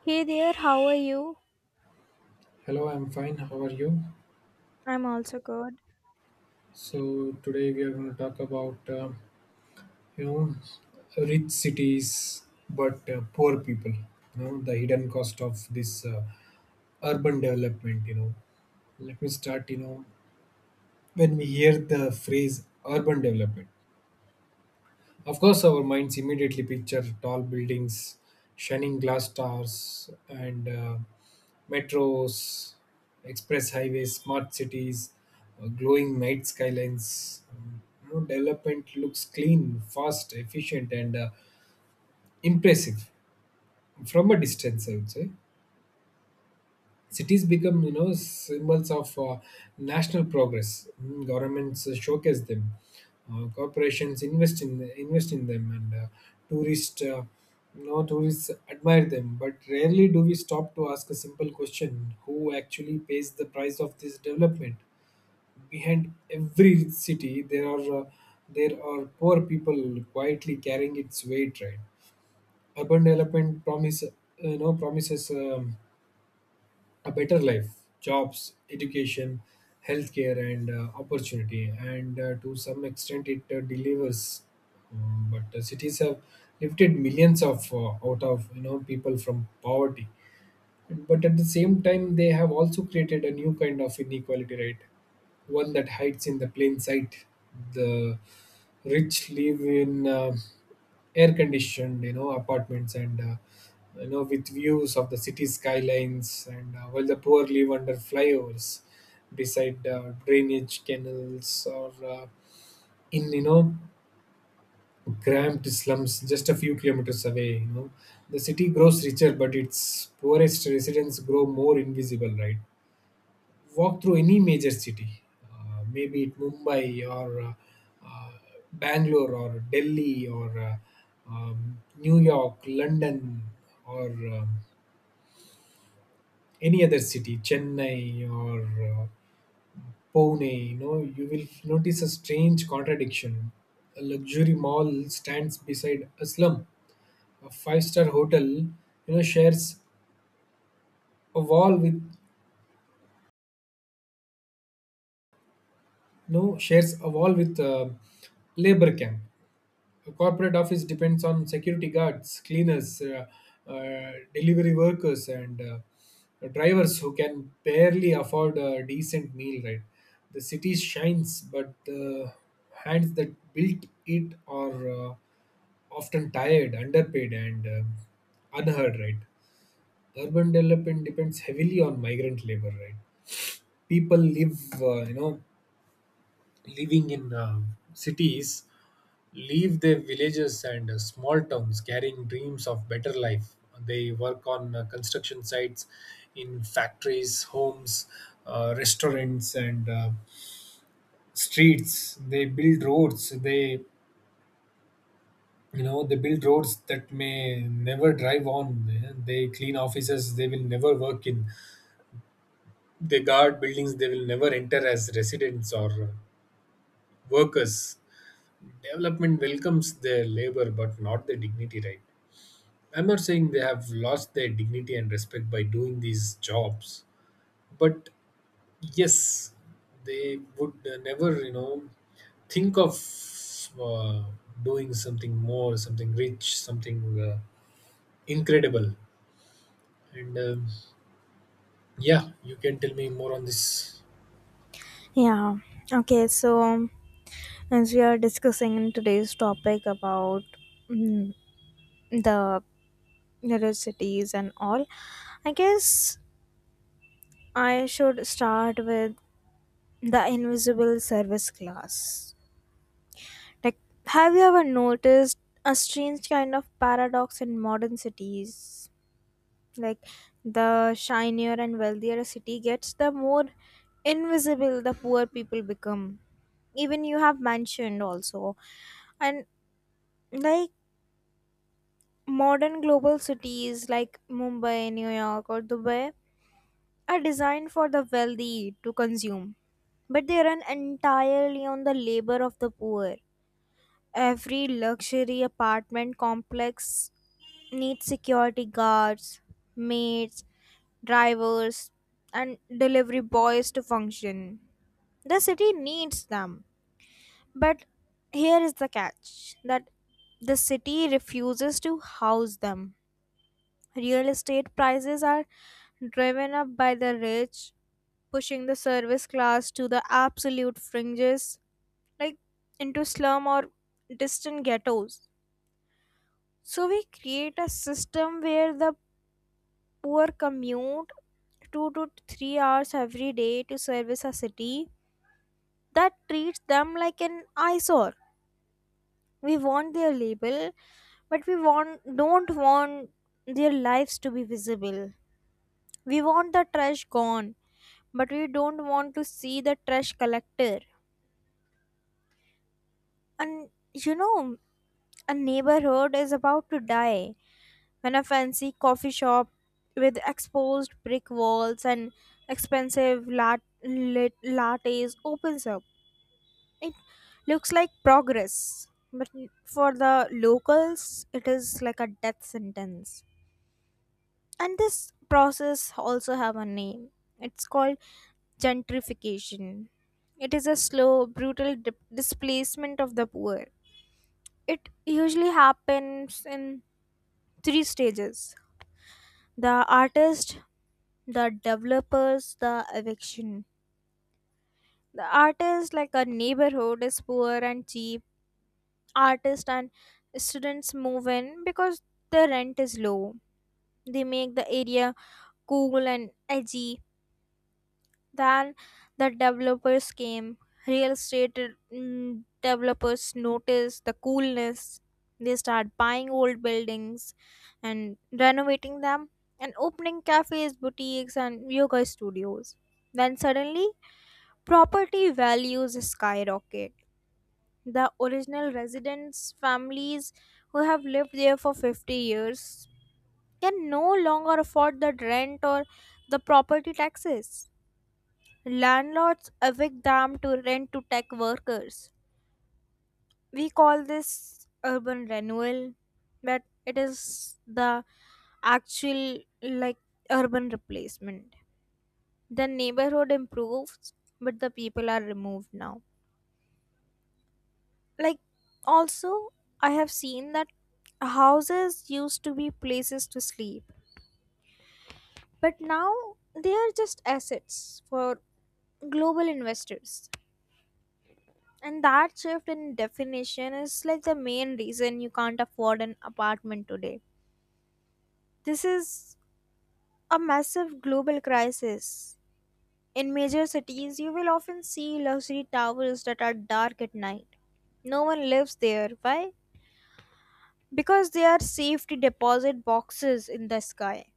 Hey there, how are you? Hello, I'm fine. How are you? I'm also good. So today we are going to talk about rich cities but poor people. You know the hidden cost of this urban development. Let me start. When we hear the phrase urban development, of course, our minds immediately picture tall buildings, shining glass stars, and metros, express highways, smart cities, glowing night skylines. You know, development looks clean, fast, efficient, and impressive from a distance, I would say cities become symbols of national progress. Mm, governments showcase them, corporations invest in them, and tourists tourists admire them, but rarely do we stop to ask a simple question: who actually pays the price of this development? Behind every city there are poor people quietly carrying its weight, right? Urban development promises a better life, jobs, education, healthcare, and opportunity. And to some extent, it delivers. But cities have lifted millions of out of people from poverty. But at the same time, they have also created a new kind of inequality, right? One that hides in the plain sight. The rich live in air-conditioned, you know, apartments and with views of the city skylines, and while the poor live under flyovers, beside drainage canals, or in cramped slums just a few kilometers away. You know, the city grows richer but its poorest residents grow more invisible, right? Walk through any major city, maybe it mumbai or uh, bangalore or delhi or new york, london, or um, any other city, chennai, or uh, pune. You know, you will notice a strange contradiction: a luxury mall stands beside a slum, a five-star hotel know shares a wall with shares a wall with labor camp, a corporate office depends on security guards, cleaners, delivery workers, and drivers who can barely afford a decent meal, right? The city shines, but the hands that built it are often tired, underpaid, and unheard, right? Urban development depends heavily on migrant labor, right? People live you know living in cities leave their villages and small towns carrying dreams of better life. They work on construction sites, in factories, homes, restaurants, and streets. They build roads they You know, they build roads that may never drive on. Eh, they clean offices they will never work in, they guard buildings they will never enter as residents or workers. Development welcomes their labor but not their dignity, right? I'm not saying they have lost their dignity and respect by doing these jobs, but yes, they would never, you know, think of uh, doing something more, something rich, something incredible. And yeah, you can tell me more on this. Yeah. Okay. So as we are discussing in today's topic about mm, the neurocities and all, I guess I should start with the invisible service class. Like, have you ever noticed a strange kind of paradox in modern cities? Like the shinier and wealthier a city gets, the more invisible the poor people become. Even you have mentioned also. And like modern global cities like Mumbai, New York, or Dubai are designed for the wealthy to consume, but they run entirely on the labor of the poor. Every luxury apartment complex need security guards, maids, drivers, and delivery boys to function. The city needs them. But here is the catch that the city refuses to house them. Real estate prices are driven up by the rich, pushing the service class to the absolute fringes, like into slum or distant ghettos. So we create a system where the poor commute 2 to 3 hours every day to service a city that treats them like an eyesore. We want their label, but we want don't want their lives to be visible. We want the trash gone, but we don't want to see the trash collector. And you know, a neighborhood is about to die when a fancy coffee shop with exposed brick walls and expensive lattes opens up. It looks like progress, but for the locals, it is like a death sentence. And this process also have a name. It's called gentrification. It is a slow, brutal displacement of the poor. It usually happens in three stages: the artist, the developers, the eviction. The artist, like a neighborhood, is poor and cheap. Artists and students move in because the rent is low. They make the area cool and edgy. Then the developers came. Real estate developers noticed the coolness. They start buying old buildings and renovating them and opening cafes, boutiques, and yoga studios. Then suddenly, property values skyrocket. The original residents' families who have lived there for 50 years can no longer afford the rent or the property taxes. Landlords evict them to rent to tech workers. We call this urban renewal, but it is the actual like urban replacement. The neighborhood improves, but the people are removed now. Like, also, I have seen that houses used to be places to sleep, but now they are just assets for global investors. And that shift in definition is like the main reason you can't afford an apartment today. This is a massive global crisis. In major cities, you will often see luxury towers that are dark at night. No one lives there. Why? Because they are safety deposit boxes in the sky.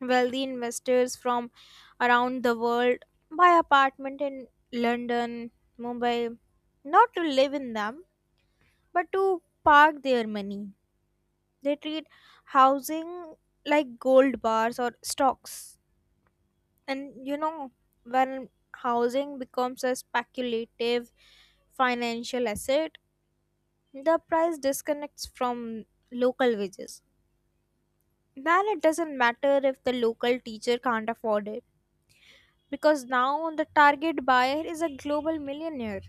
Wealthy investors from around the world buy apartment in London, Mumbai, not to live in them, but to park their money. They treat housing like gold bars or stocks. And you know, when housing becomes a speculative financial asset, the price disconnects from local wages. Then it doesn't matter if the local teacher can't afford it because now the target buyer is a global millionaire.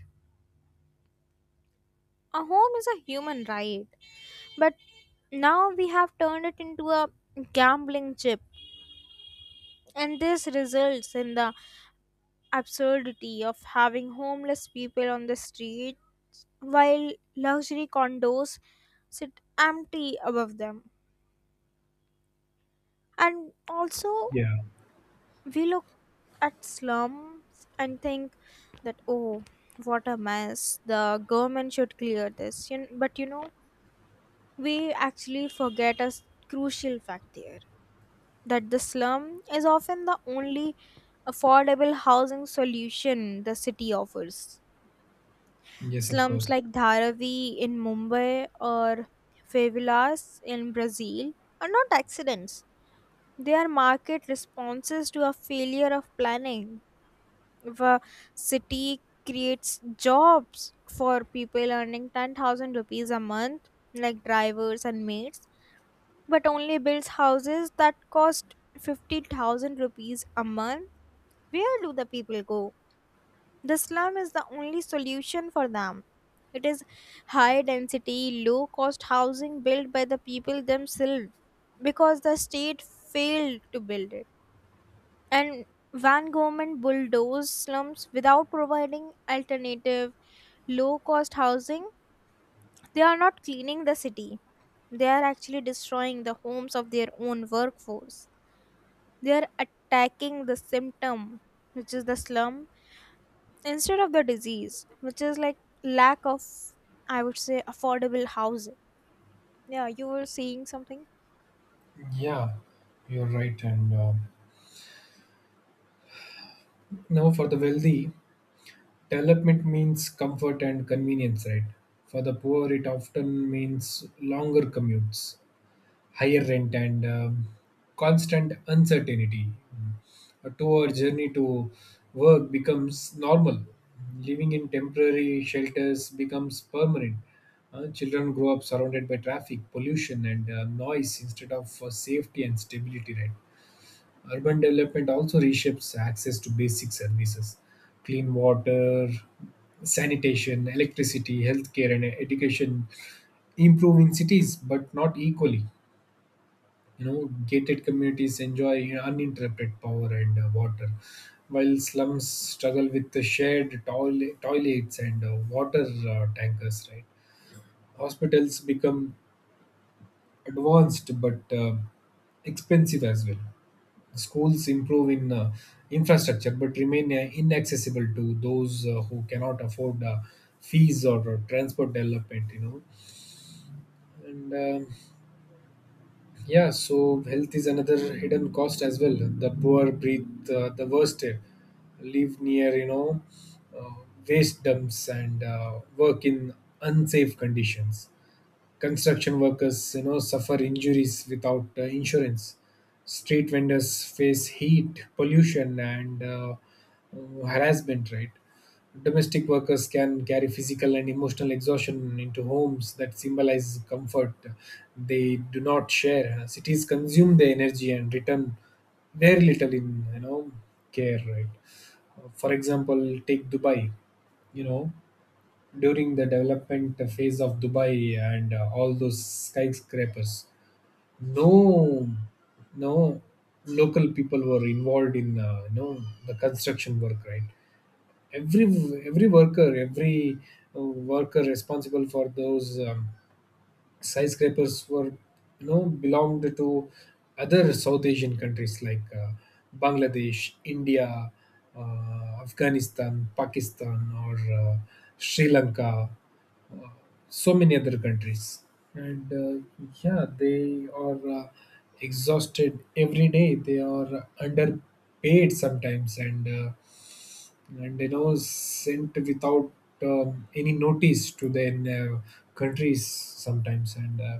A home is a human right, but now we have turned it into a gambling chip, and this results in the absurdity of having homeless people on the street while luxury condos sit empty above them. And also, Yeah. we look at slums and think that, oh, what a mess, the government should clear this. But you know, we actually forget a crucial fact there that the slum is often the only affordable housing solution the city offers. Yes, of Slums course. like Dharavi in Mumbai or favelas in Brazil are not accidents. They are market responses to a failure of planning. If a city creates jobs for people earning 10,000 rupees a month, like drivers and maids, but only builds houses that cost 50,000 rupees a month, where do the people go? The slum is the only solution for them. It is high density, low cost housing built by the people themselves because the state failed to build it. And when government bulldozed slums without providing alternative low cost housing, they are not cleaning the city. They are actually destroying the homes of their own workforce. They are attacking the symptom, which is the slum, instead of the disease, which is like lack of, I would say, affordable housing. Yeah, you were saying something. Yeah, you're right. And now for the wealthy, development means comfort and convenience, right? For the poor, it often means longer commutes, higher rent, and constant uncertainty. A 2 hour journey to work becomes normal. Living in temporary shelters becomes permanent. Children grow up surrounded by traffic, pollution, and noise instead of safety and stability, right? Urban development also reshapes access to basic services. Clean water, sanitation, electricity, healthcare, and education improve in cities, but not equally. You know, gated communities enjoy uninterrupted power and water, while slums struggle with the toilets and water tankers. Right, hospitals become advanced but expensive as well. Schools improve in infrastructure but remain inaccessible to those who cannot afford fees or transport development, you know. And um, yeah, so health is another hidden cost as well. The poor breathe the worst air, live near, you know, uh, waste dumps, and work in unsafe conditions. Construction workers, you know, suffer injuries without insurance. Street vendors face heat, pollution, and harassment, right? Domestic workers can carry physical and emotional exhaustion into homes that symbolize comfort they do not share. Cities consume their energy and return very little in care, right? For example, take dubai. You know, during the development phase of Dubai and all those skyscrapers, no, no local people were involved in the construction work. Right, every every worker responsible for those skyscrapers were belonged to other south asian countries like bangladesh, india, afghanistan, pakistan, or uh, sri lanka, uh, so many other countries. And yeah, they are exhausted every day, they are underpaid sometimes, and you know sent without any notice to their countries sometimes, and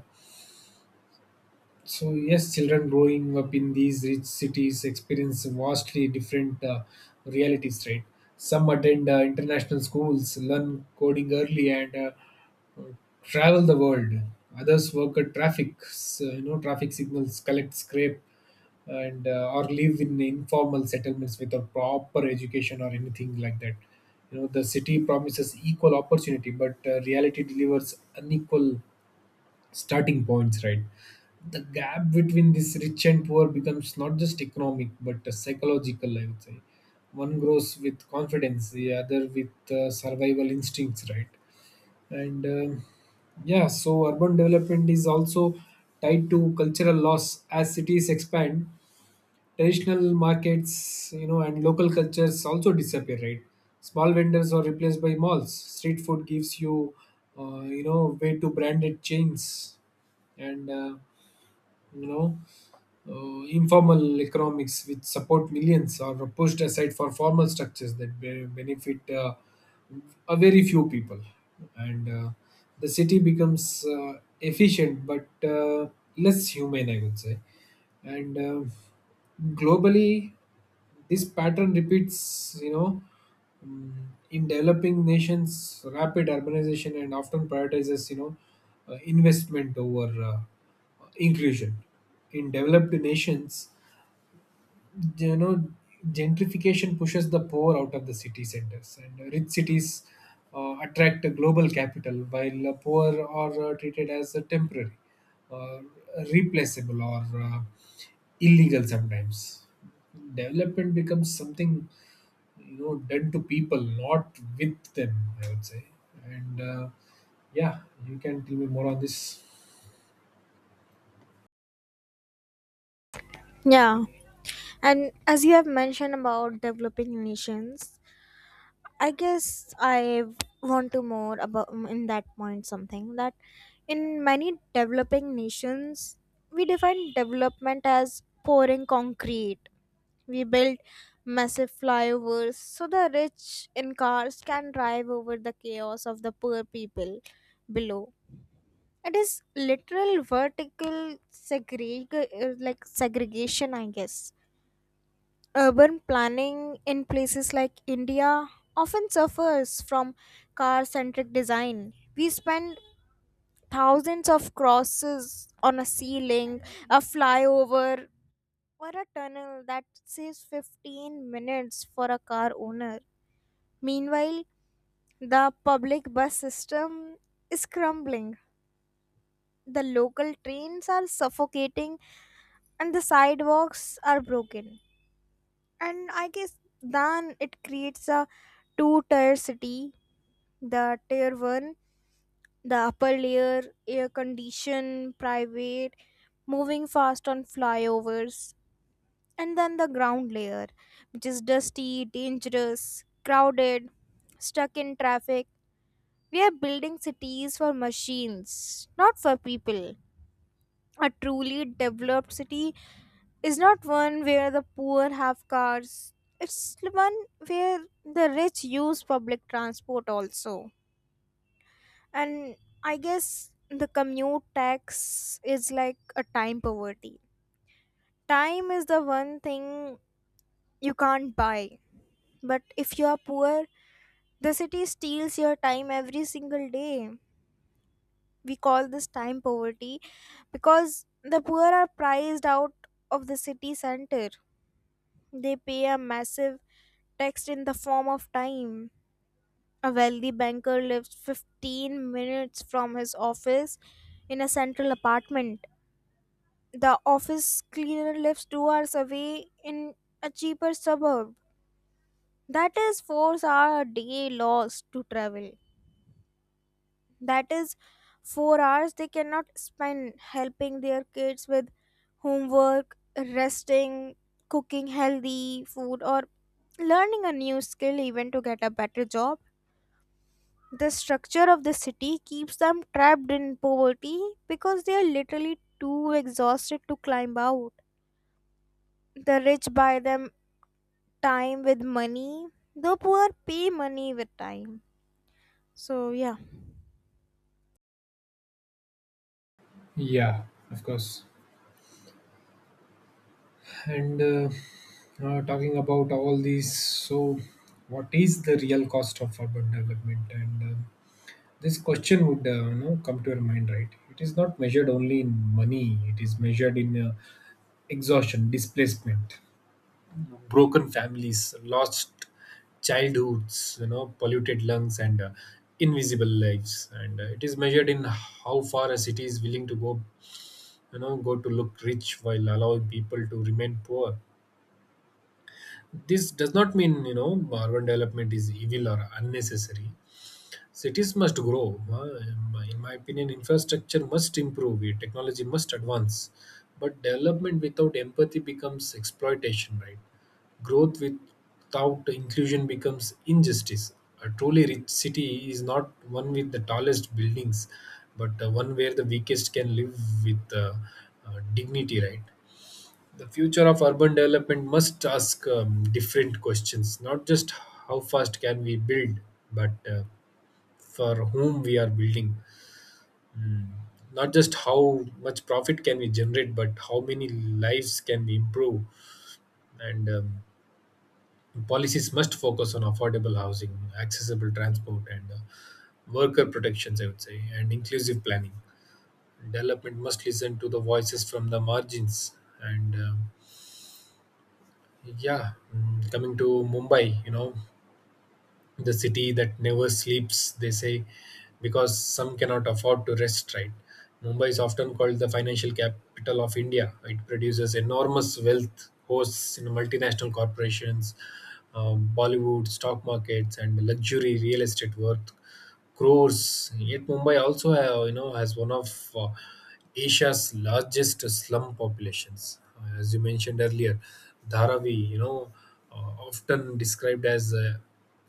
so yes, children growing up in these rich cities experience vastly different realities, right? Some attend international schools, learn coding early, and travel the world. Others work at traffic, you know, traffic signals, collect scrape, and or live in informal settlements without proper education or anything like that. You know, the city promises equal opportunity, but reality delivers unequal starting points, right? The gap between this rich and poor becomes not just economic but psychological, I would say. One grows with confidence, the other with survival instincts, right? And yeah, so urban development is also tied to cultural loss. As cities expand, traditional markets, you know, and local cultures also disappear, right? Small vendors are replaced by malls, street food gives you you know way to branded chains, and you know informal economics which support millions are pushed aside for formal structures that benefit a very few people, and the city becomes efficient but less human, I would say. And globally, this pattern repeats, you know, mm, in developing nations rapid urbanization and often prioritizes investment over inclusion. In developed nations, you know, gentrification pushes the poor out of the city centers, and rich cities attract the global capital, while the poor are treated as a temporary, uh, replaceable, or illegal sometimes. Development becomes something, you know, done to people not with them, I would say. And yeah, you can tell me more on this. Yeah, and as you have mentioned about developing nations, I guess I want to more about in that point something that in many developing nations we define development as pouring concrete. We built massive flyovers so the rich in cars can drive over the chaos of the poor people below. It is literal vertical like segregation, I guess. Urban planning in places like India often suffers from car centric design. We spend thousands of crosses on a ceiling, a flyover, or a tunnel that says 15 minutes for a car owner. Meanwhile, the public bus system is crumbling. The local trains are suffocating and the sidewalks are broken. And I guess then it creates a two tier city. The tier one, the upper layer, air conditioned, private, moving fast on flyovers, and then the ground layer, which is dusty, dangerous, crowded, stuck in traffic. We are building cities for machines, not for people. A truly developed city is not one where the poor have cars, it's one where the rich use public transport also. And I guess the commute tax is like a time poverty. Time is the one thing you can't buy. But if you are poor, the city steals your time every single day. We call this time poverty because the poor are priced out of the city center. They pay a massive tax in the form of time. A wealthy banker lives 15 minutes from his office in a central apartment. The office cleaner lives 2 hours away in a cheaper suburb. That is 4 hours a day lost to travel. That is 4 hours they cannot spend helping their kids with homework, resting, cooking healthy food, or learning a new skill even to get a better job. The structure of the city keeps them trapped in poverty because they are literally too exhausted to climb out. The rich buy them time with money. The poor pay money with time. So, yeah. Yeah, of course. And talking about all these, so what is the real cost of urban development? And this question would come to your mind, right? It is not measured only in money; it is measured in exhaustion, displacement, broken families, lost childhoods, you know, polluted lungs, and invisible lives. And it is measured in how far a city is willing to go, you know, go to look rich while allowing people to remain poor. This does not mean, you know, urban development is evil or unnecessary. Cities must grow. In my opinion, infrastructure must improve, eh, technology must advance. But development without empathy becomes exploitation, right? Growth without inclusion becomes injustice. A truly rich city is not one with the tallest buildings, but one where the weakest can live with dignity, right? The future of urban development must ask different questions, not just how fast can we build, but for whom we are building. Mm. Not just how much profit can we generate, but how many lives can we improve. And policies must focus on affordable housing, accessible transport, and worker protections, I would say, and inclusive planning. Development must listen to the voices from the margins. And yeah, mm, coming to Mumbai, you know, the city that never sleeps, they say, because some cannot afford to rest, right? Mumbai is often called the financial capital of India. It produces enormous wealth, hosts in multinational corporations, Bollywood, stock markets, and luxury real estate worth crores. Yet Mumbai also, you know, has one of Asia's largest slum populations. As you mentioned earlier, Dharavi, you know, often described as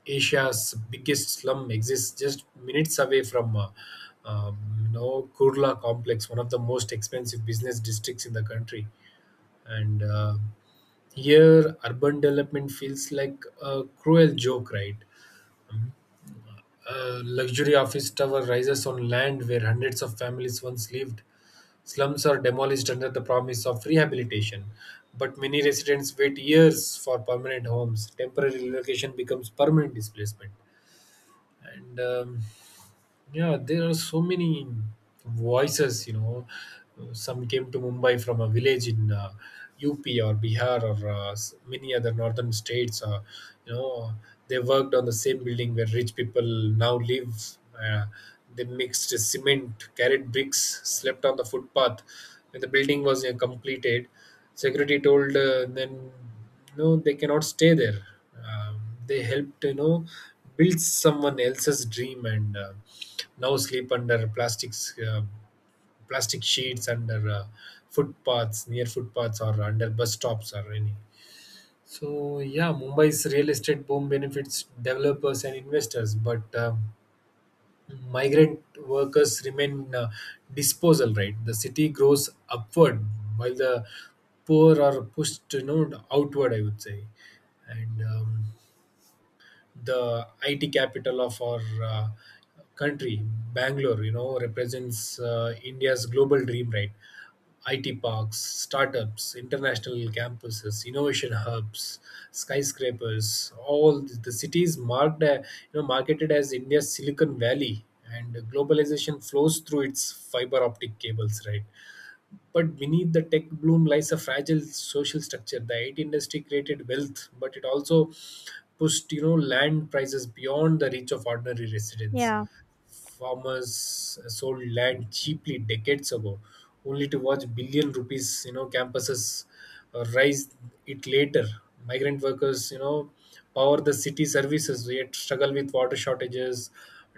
Asia's biggest slum, exists just minutes away from. Um, you know, Kurla complex, one of the most expensive business districts in the country, and here urban development feels like a cruel joke, right? A luxury office tower rises on land where hundreds of families once lived. Slums are demolished under the promise of rehabilitation, but many residents wait years for permanent homes. Temporary relocation becomes permanent displacement. And yeah, there are so many voices, you know. Some came to Mumbai from a village in UP or Bihar or many other northern states. You know, they worked on the same building where rich people now live. They mixed cement, carried bricks, slept on the footpath. When the building was completed, security told then no they cannot stay there. um, they helped build someone else's dream, and now sleep under plastics, plastic sheets, under footpaths, near footpaths, or under bus stops or any. Yeah, mumbai's real estate boom benefits developers and investors, but migrant workers remain, disposal, right? The city grows upward while the poor are pushed, outward, I would say. And the IT capital of our country, Bangalore, you know, represents India's global dream, right? IT parks, startups, international campuses, innovation hubs, skyscrapers, the cities marked, marketed as India's Silicon Valley, and globalization flows through its fiber optic cables, right? But beneath the tech bloom lies a fragile social structure. The IT industry created wealth, but it also pushed, land prices beyond the reach of ordinary residents. Yeah. Farmers sold land cheaply decades ago, only to watch billion rupees, campuses rise it later. Migrant workers, power the city services, yet struggle with water shortages,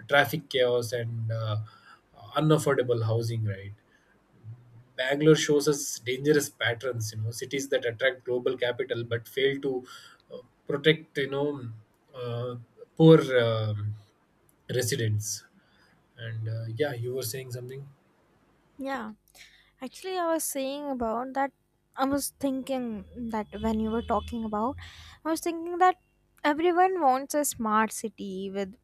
traffic chaos, and unaffordable housing. Right. Bangalore shows us dangerous patterns. You know, cities that attract global capital but fail to uh, protect, uh, poor residents. And yeah, you were saying something. Yeah, actually, I was saying about that. I was thinking that when you were talking about, I was thinking that everyone wants a smart city with,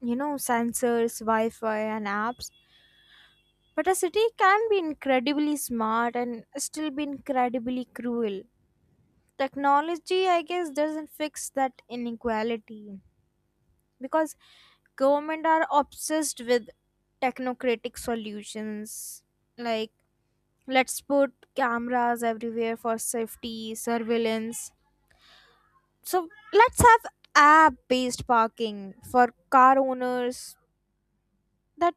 you know, sensors, Wi Fi, and apps. But a city can be incredibly smart and still be incredibly cruel. Technology, I guess, doesn't fix that inequality because government are obsessed with technocratic solutions like, let's put cameras everywhere for safety surveillance, so let's have app based parking for car owners. That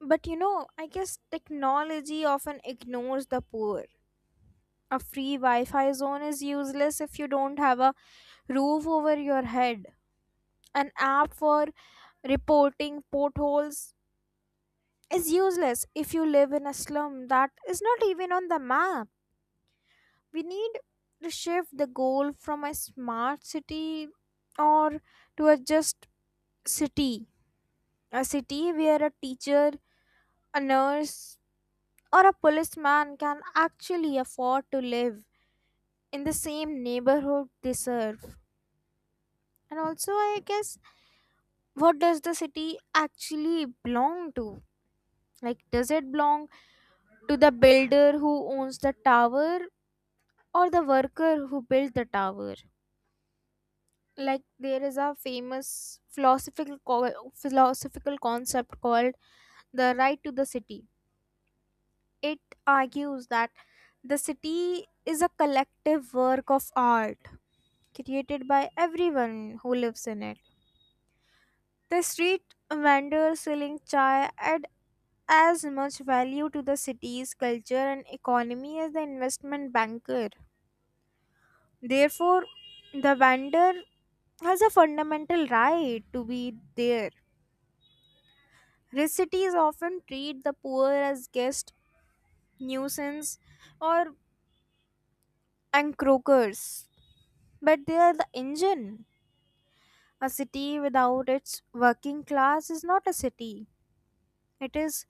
but you know, I guess technology often ignores the poor. A free wi-fi zone is useless if you don't have a roof over your head. An app for reporting potholes is useless if you live in a slum that is not even on the map. We need to shift the goal from a smart city or to a just city, a city where a teacher, a nurse, or a policeman can actually afford to live in the same neighborhood they serve. And also, I guess, what does the city actually belong to? Like, does it belong to the builder who owns the tower or the worker who built the tower? Like, there is a famous philosophical concept called the right to the city. It argues that the city is a collective work of art created by everyone who lives in it. The street vendors selling chai add as much value to the city's culture and economy as the investment banker. Therefore, the vendor has a fundamental right to be there. Cities often treat the poor as guest, nuisance, or encroachers, but they are the engine. A city without its working class is not a city. It is,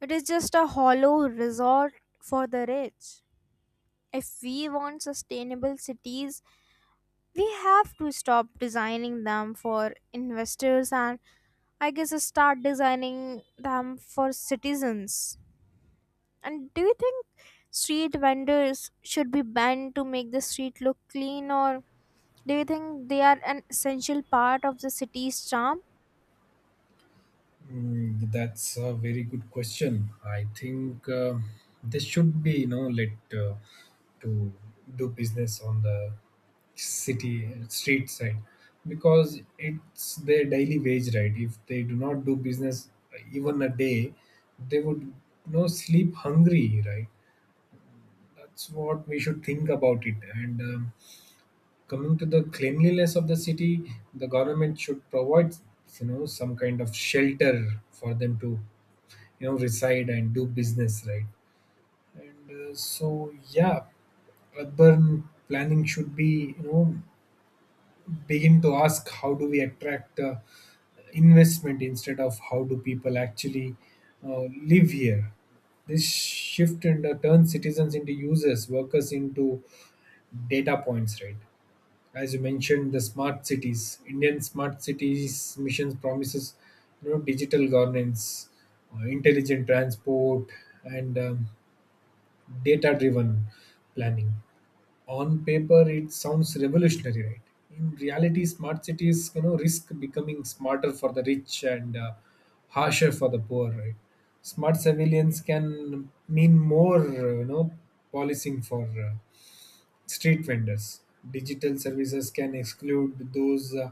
it is just a hollow resort for the rich. If we want sustainable cities, we have to stop designing them for investors and, I guess, start designing them for citizens. And do you think street vendors should be banned to make the street look clean, or do you think they are an essential part of the city's charm? Mm, that's a very good question. I think they should be, you know, let uh, to do business on the city street side, because it's their daily wage, right? If they do not do business even a day, they would, sleep hungry, right? That's what we should think about it. And coming to the cleanliness of the city, the government should provide, you know, some kind of shelter for them to, reside and do business, right? and so Yeah, urban planning should, be you know begin to ask how do we attract investment, instead of how do people actually uh, live here. This shift and turn citizens into users, workers into data points, right? As you mentioned, the smart cities, indian smart cities missions promises, you know, digital governance, intelligent transport, and data-driven planning. On paper, it sounds revolutionary, right? In reality, smart cities, you know, risk becoming smarter for the rich and harsher for the poor, right? Smart surveillance can mean more, policing for street vendors. Digital services can exclude those, uh,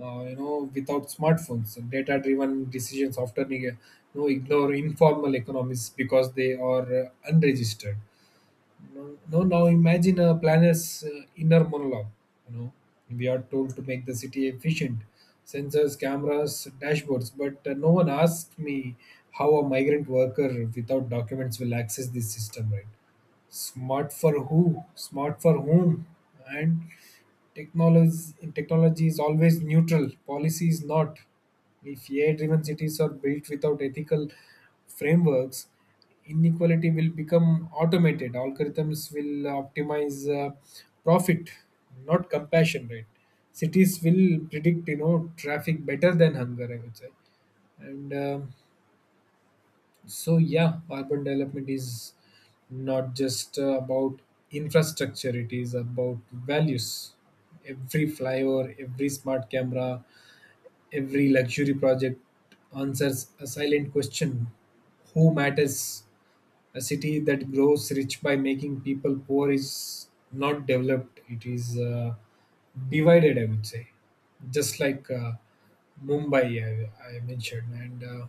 uh, you know, without smartphones. Data-driven decisions often, you know, ignore informal economies because they are unregistered. No, No, now imagine a planner's inner monologue. You know, we are told to make the city efficient: sensors, cameras, dashboards, but no one asked me how a migrant worker without documents will access this system, right? Smart for who? Smart for whom? And Technology, technology is always neutral, policy is not. If AI driven cities are built without ethical frameworks, inequality will become automated. Algorithms will optimize profit, not compassion, right? Cities will predict, you know, traffic better than hunger, I would say. And so Yeah, urban development is not just about infrastructure; it is about values. Every flyover, every smart camera, every luxury project answers a silent question: Who matters? A city that grows rich by making people poor is not developed, it is divided, I would say. Just like Mumbai, I mentioned. And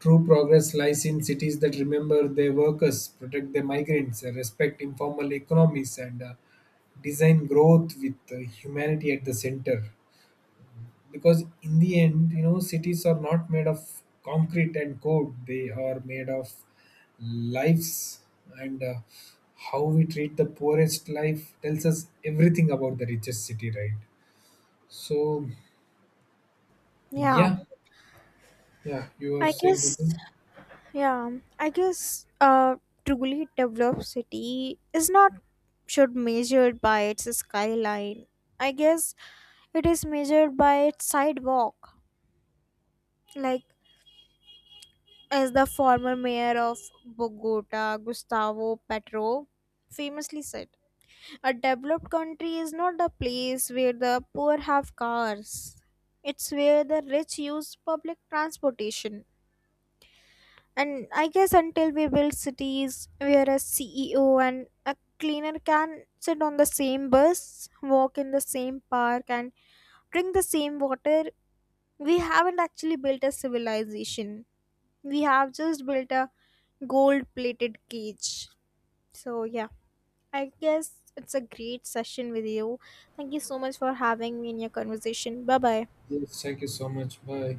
true progress lies in cities that remember their workers, protect their migrants, respect informal economies, and design growth with humanity at the center, because in the end, you know, cities are not made of concrete and code, they are made of lives, and how we treat the poorest life tells us everything about the richest city, right? so Yeah, yeah. Yeah, you are I saying guess, something. yeah, I guess a truly developed city is not should measured by its skyline. I guess it is measured by its sidewalk. Like as the former mayor of Bogota, Gustavo Petro, famously said. A developed country is not a place where the poor have cars. It's where the rich use public transportation. And I guess until we build cities where a CEO and a cleaner can sit on the same bus, walk in the same park, and drink the same water, we haven't actually built a civilization. We have just built a gold plated cage. So, yeah. I guess it's a great session with you. Thank you so much for having me in your conversation. Bye bye. Yes, thank you so much. Bye.